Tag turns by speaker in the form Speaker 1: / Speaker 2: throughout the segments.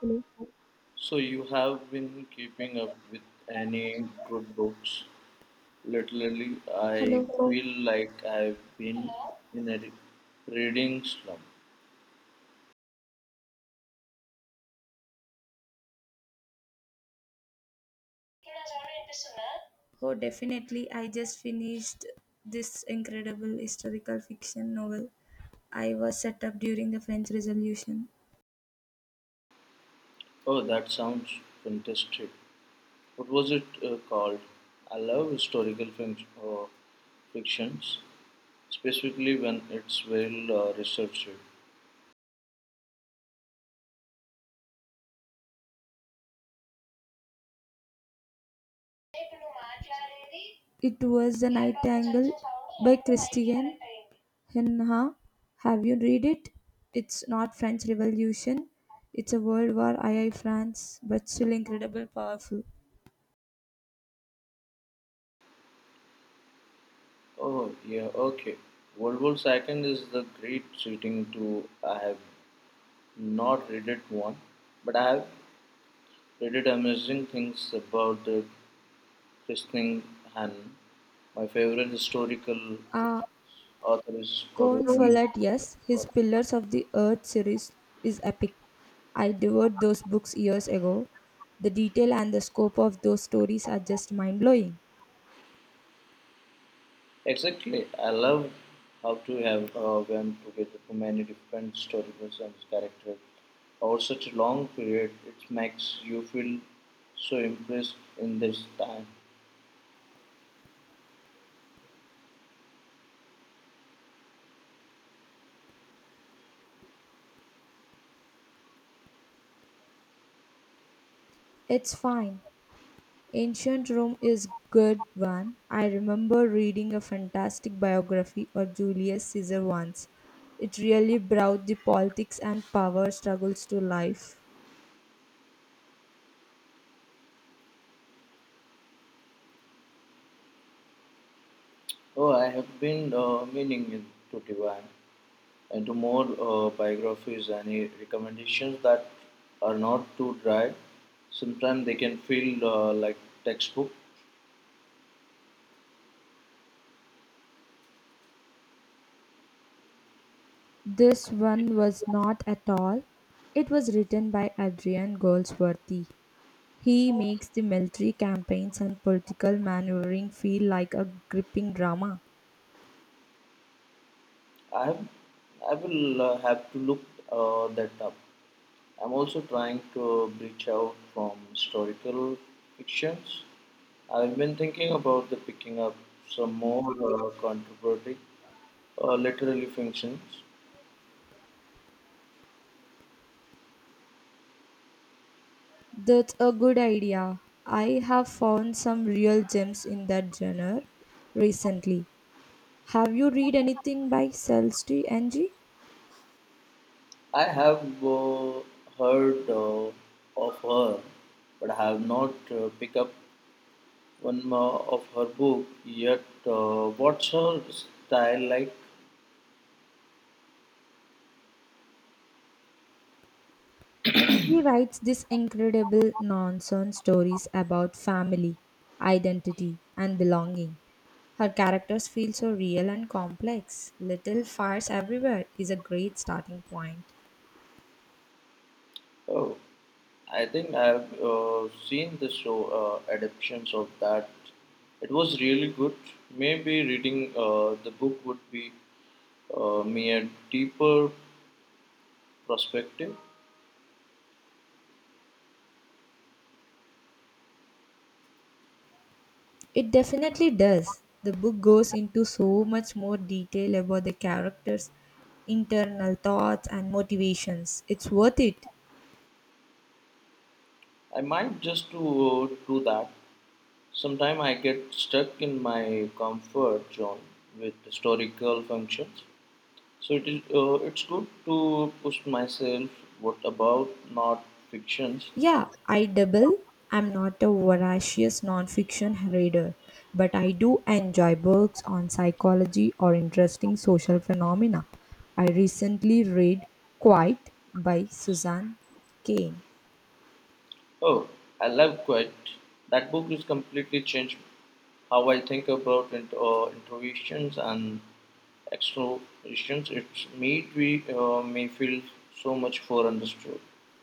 Speaker 1: Hello.
Speaker 2: So you have been keeping up with any good books lately? I
Speaker 1: Hello.
Speaker 2: feel like I've been in a reading slump.
Speaker 1: Oh, definitely. I just finished this incredible historical fiction novel. I was set up during the French Revolution.
Speaker 2: Oh, that sounds fantastic. What was it called? I love fictions, specifically when it's well, researched.
Speaker 1: It was The Nightingale by Christian Hennha. Have you read it? It's not French Revolution. It's a World War II France, but still incredible powerful.
Speaker 2: Oh, yeah, okay. World War Second is the great setting to. I have not read it one, but I have. They did amazing things about the christening Hannah. My favorite historical
Speaker 1: Ah,
Speaker 2: author is probably
Speaker 1: Cornfollett, yes, his
Speaker 2: well,
Speaker 1: Pillars of the Earth series is epic. I devoured those books years ago. The detail and the scope of those stories are just mind blowing.
Speaker 2: exactly. I love how to have woven together too many different storylines and characters over such a long period. It makes you feel so impressed in this time.
Speaker 1: It's fine. Ancient Rome is good one. I remember reading a fantastic biography of Julius Caesar once. It really brought the politics and power struggles to life.
Speaker 2: Oh, I have been meaning it to divine, and more biographies any recommendations that are not too dry. Sometimes they can feel like textbook.
Speaker 1: This one was not at all. It was written by Adrian Goldsworthy. He makes the military campaigns and political maneuvering feel like a gripping drama.
Speaker 2: I have, I will have to look that up. I'm also trying to branch out from historical fictions. I've been thinking about the picking up some more contemporary literary fictions.
Speaker 1: That's a good idea. I have found some real gems in that genre recently. Have you read anything by Celeste Ng? She
Speaker 2: I have uh, heard of her, but I have not picked up one more of her book. Yet, what's her style like?
Speaker 1: writes these incredible nonsense stories about family, identity, and belonging. Her characters feel so real and complex. Little Fires Everywhere is a great starting point.
Speaker 2: Oh, I think I've seen the show adaptations of that. It was really good. Maybe reading the book would be me a deeper perspective.
Speaker 1: It definitely does. The book goes into so much more detail about the characters' internal thoughts and motivations. It's worth it.
Speaker 2: I might just to do that. Sometimes I get stuck in my comfort zone with historical functions. So it is, it's good to push myself. What about not fictions?
Speaker 1: Yeah, I double. I'm not a voracious nonfiction reader, but I do enjoy books on psychology or interesting social phenomena. I recently read Quiet by Suzanne Kane.
Speaker 2: Oh, I love Quiet. That book is completely changed how I think about introversions and extroversions. It's made me feel so much for understood.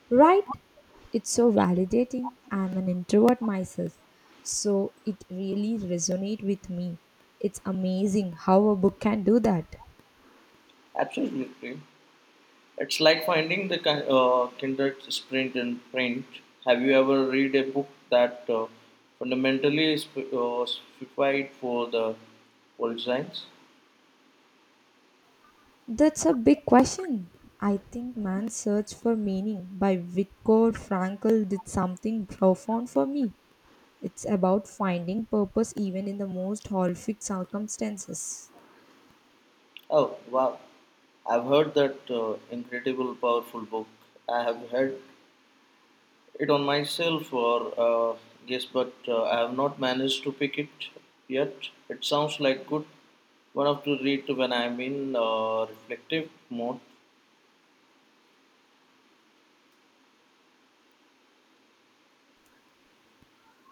Speaker 1: Right? It's so validating. I'm an introvert myself, so it really resonates with me. It's amazing how a book can do that.
Speaker 2: Absolutely. It's like finding the kindred sprint in print. Have you ever read a book that fundamentally is specified for the world science?
Speaker 1: That's a big question. I think Man's Search for Meaning by Viktor Frankl did something profound for me. It's about finding purpose even in the most horrific circumstances.
Speaker 2: Oh, wow. I've heard that incredible, powerful book. I have had it on myself for guess, but I have not managed to pick it yet. It sounds like good one of to read when I'm in reflective mode.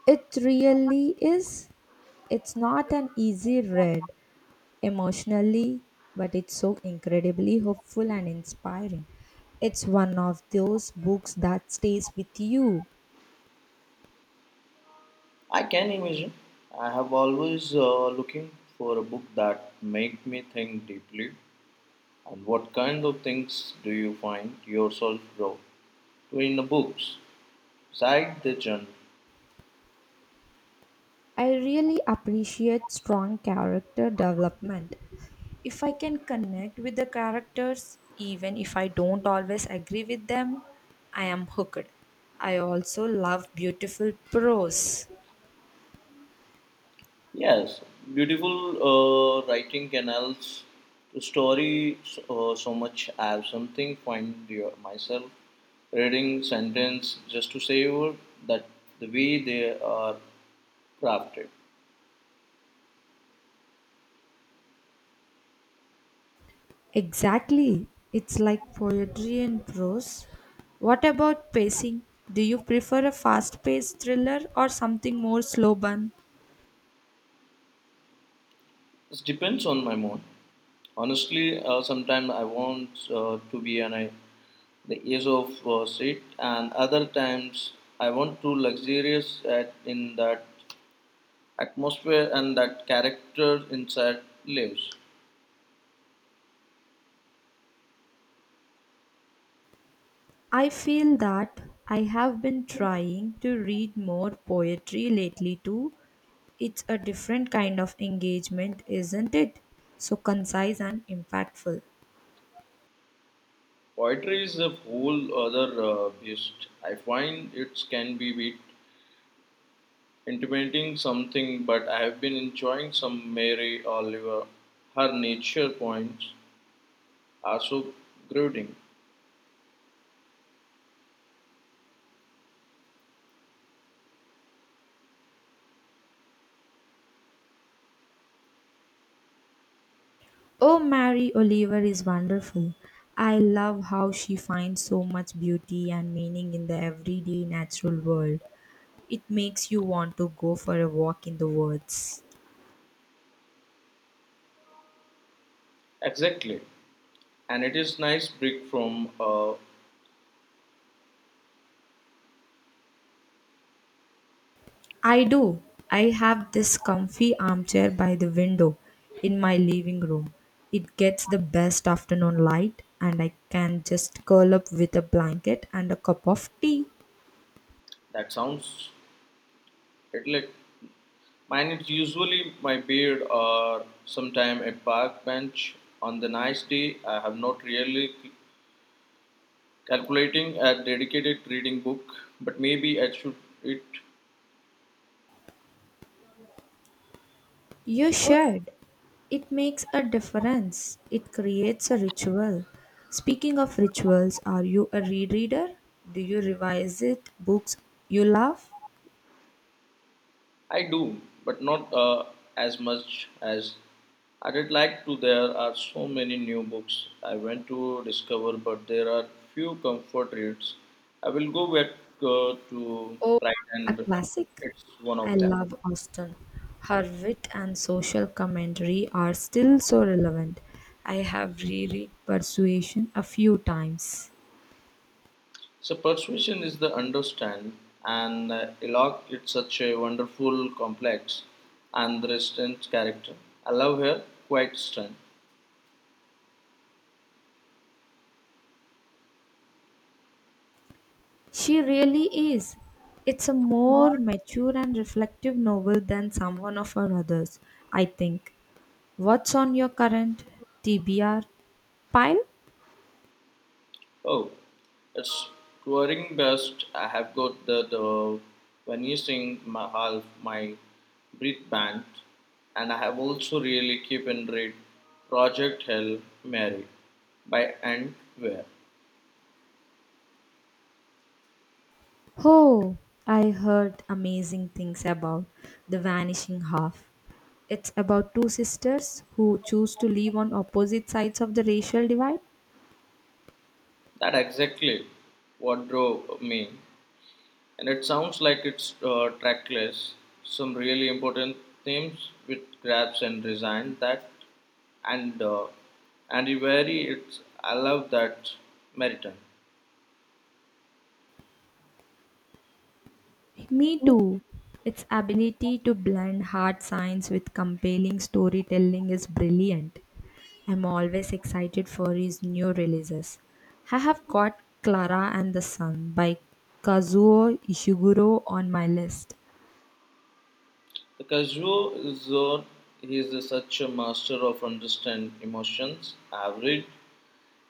Speaker 1: It really is. It's not an easy read, emotionally, but it's so incredibly hopeful and inspiring. It's one of those books that stays with you.
Speaker 2: I can imagine. I have always looking for a book that make me think deeply. And what kind of things do you find yourself grow to in the books? Side the genre.
Speaker 1: I really appreciate strong character development. If I can connect with the characters, even if I don't always agree with them, I am hooked. I also love beautiful prose.
Speaker 2: Yes, beautiful writing canals the story so much. I have something find your, myself reading sentence just to savor that the way they are crafted.
Speaker 1: Exactly. It's like poetry and prose. What about pacing? Do you prefer a fast paced thriller or something more slow burn?
Speaker 2: It depends on my mood. Honestly, sometimes I want to be on a, the edge of seat, and other times I want to luxurious at, in that atmosphere and that character inside lives.
Speaker 1: I feel that I have been trying to read more poetry lately too. It's a different kind of engagement, isn't it? So concise and impactful.
Speaker 2: Poetry is a whole other beast. I find it can be bit intimidating something, but I have been enjoying some Mary Oliver. Her nature points are so grounding.
Speaker 1: Oh, Mary Oliver is wonderful. I love how she finds so much beauty and meaning in the everyday natural world. It makes you want to go for a walk in the woods.
Speaker 2: Exactly, and it is nice break from
Speaker 1: I do. I have this comfy armchair by the window in my living room. It gets the best afternoon light, and I can just curl up with a blanket and a cup of tea.
Speaker 2: that sounds. It like mine is usually my beard or sometime a park bench. On the nice day, I have not really calculating a dedicated reading book, but maybe I should it.
Speaker 1: You should. It makes a difference. It creates a ritual. Speaking of rituals, are you a rereader? Do you revise it books you love?
Speaker 2: I do, but not as much as I did like to. There are so many new books I went to discover, but there are few comfort reads. I will go back to
Speaker 1: Oh,
Speaker 2: Pride
Speaker 1: a
Speaker 2: and Prejudice.
Speaker 1: classic.
Speaker 2: It's one
Speaker 1: I
Speaker 2: of them.
Speaker 1: love Austen. Her wit and social commentary are still so relevant. I have reread Persuasion a few times.
Speaker 2: So persuasion is the understand, and Eloque it's such a wonderful, complex, and resistant character. I love her quite strength.
Speaker 1: She really is. It's a more mature and reflective novel than someone of her others, I think. What's on your current TBR pile?
Speaker 2: Oh, it's touring best. I have got the Vanishing Mahal, my Brit band, and I have also really keep in read Project Hell Mary by and where.
Speaker 1: Oh, I heard amazing things about The Vanishing Half. It's about two sisters who choose to live on opposite sides of the racial divide.
Speaker 2: That exactly what drove me, and it sounds like it's trackless. Some really important themes with grabs and design that and uh, and very it's I love that Meriton.
Speaker 1: Me too. Its ability to blend hard science with compelling storytelling is brilliant. I'm always excited for his new releases. I have got Clara and the Sun by Kazuo Ishiguro on my list.
Speaker 2: The Kazuo Zone he is such a master of understand emotions. I've read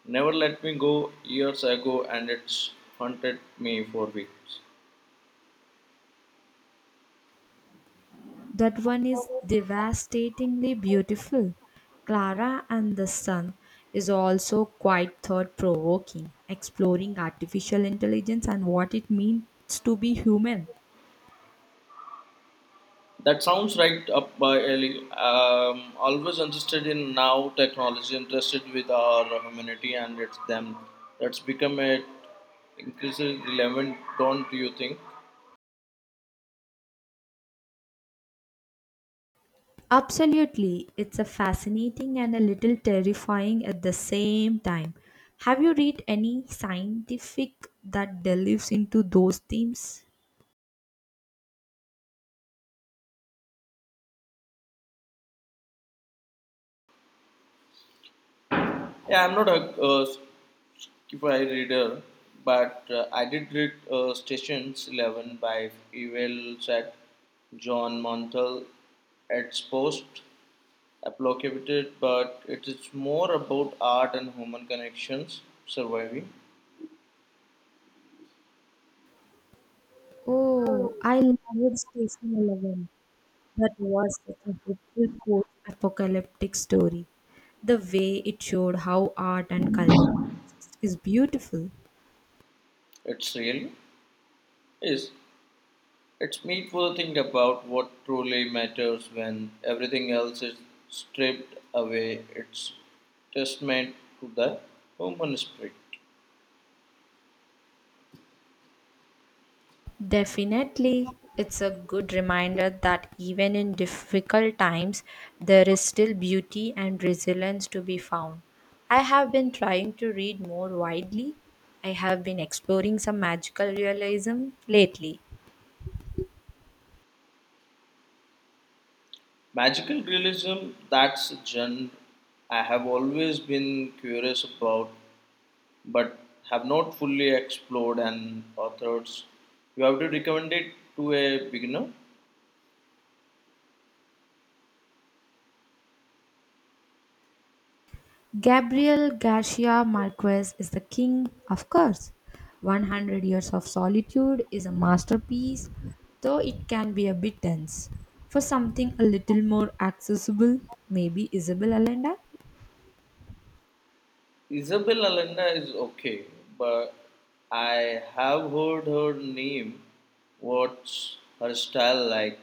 Speaker 2: Never Let Me Go years ago and it's haunted me for weeks.
Speaker 1: That one is devastatingly beautiful. Clara and the Sun is also quite thought provoking, exploring artificial intelligence and what it means to be human.
Speaker 2: That sounds right up my alley. Always interested in now technology, interested with our humanity and its them. That's become a increasingly relevant, don't you think?
Speaker 1: Absolutely, it's a fascinating and a little terrifying at the same time. Have you read any scientific that delves into those themes?
Speaker 2: Yeah, I'm not a, by reader, but I did read Stations 11 by Ewell Sack. John Montel its post applicated, but it is more about art and human connections surviving.
Speaker 1: Oh, I loved Station 11. That was such a hopeful post apocalyptic story. The way it showed how art and culture exist is beautiful.
Speaker 2: It's real is it's meaningful to think about what truly matters when everything else is stripped away. It's testament to the human spirit.
Speaker 1: Definitely, it's a good reminder that even in difficult times, there is still beauty and resilience to be found. I have been trying to read more widely. I have been exploring some magical realism lately.
Speaker 2: Magical realism, that's a genre I have always been curious about but have not fully explored and authors. You have to recommend it to a beginner.
Speaker 1: Gabriel Garcia Marquez is the king, of course. 100 Years of Solitude is a masterpiece, though it can be a bit dense. For something a little more accessible, maybe Isabel Allende?
Speaker 2: Isabel Allende is okay, but I have heard her name. What's her style like?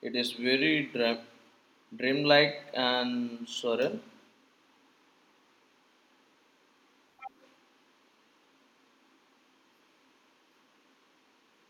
Speaker 2: It is very dreamlike and surreal.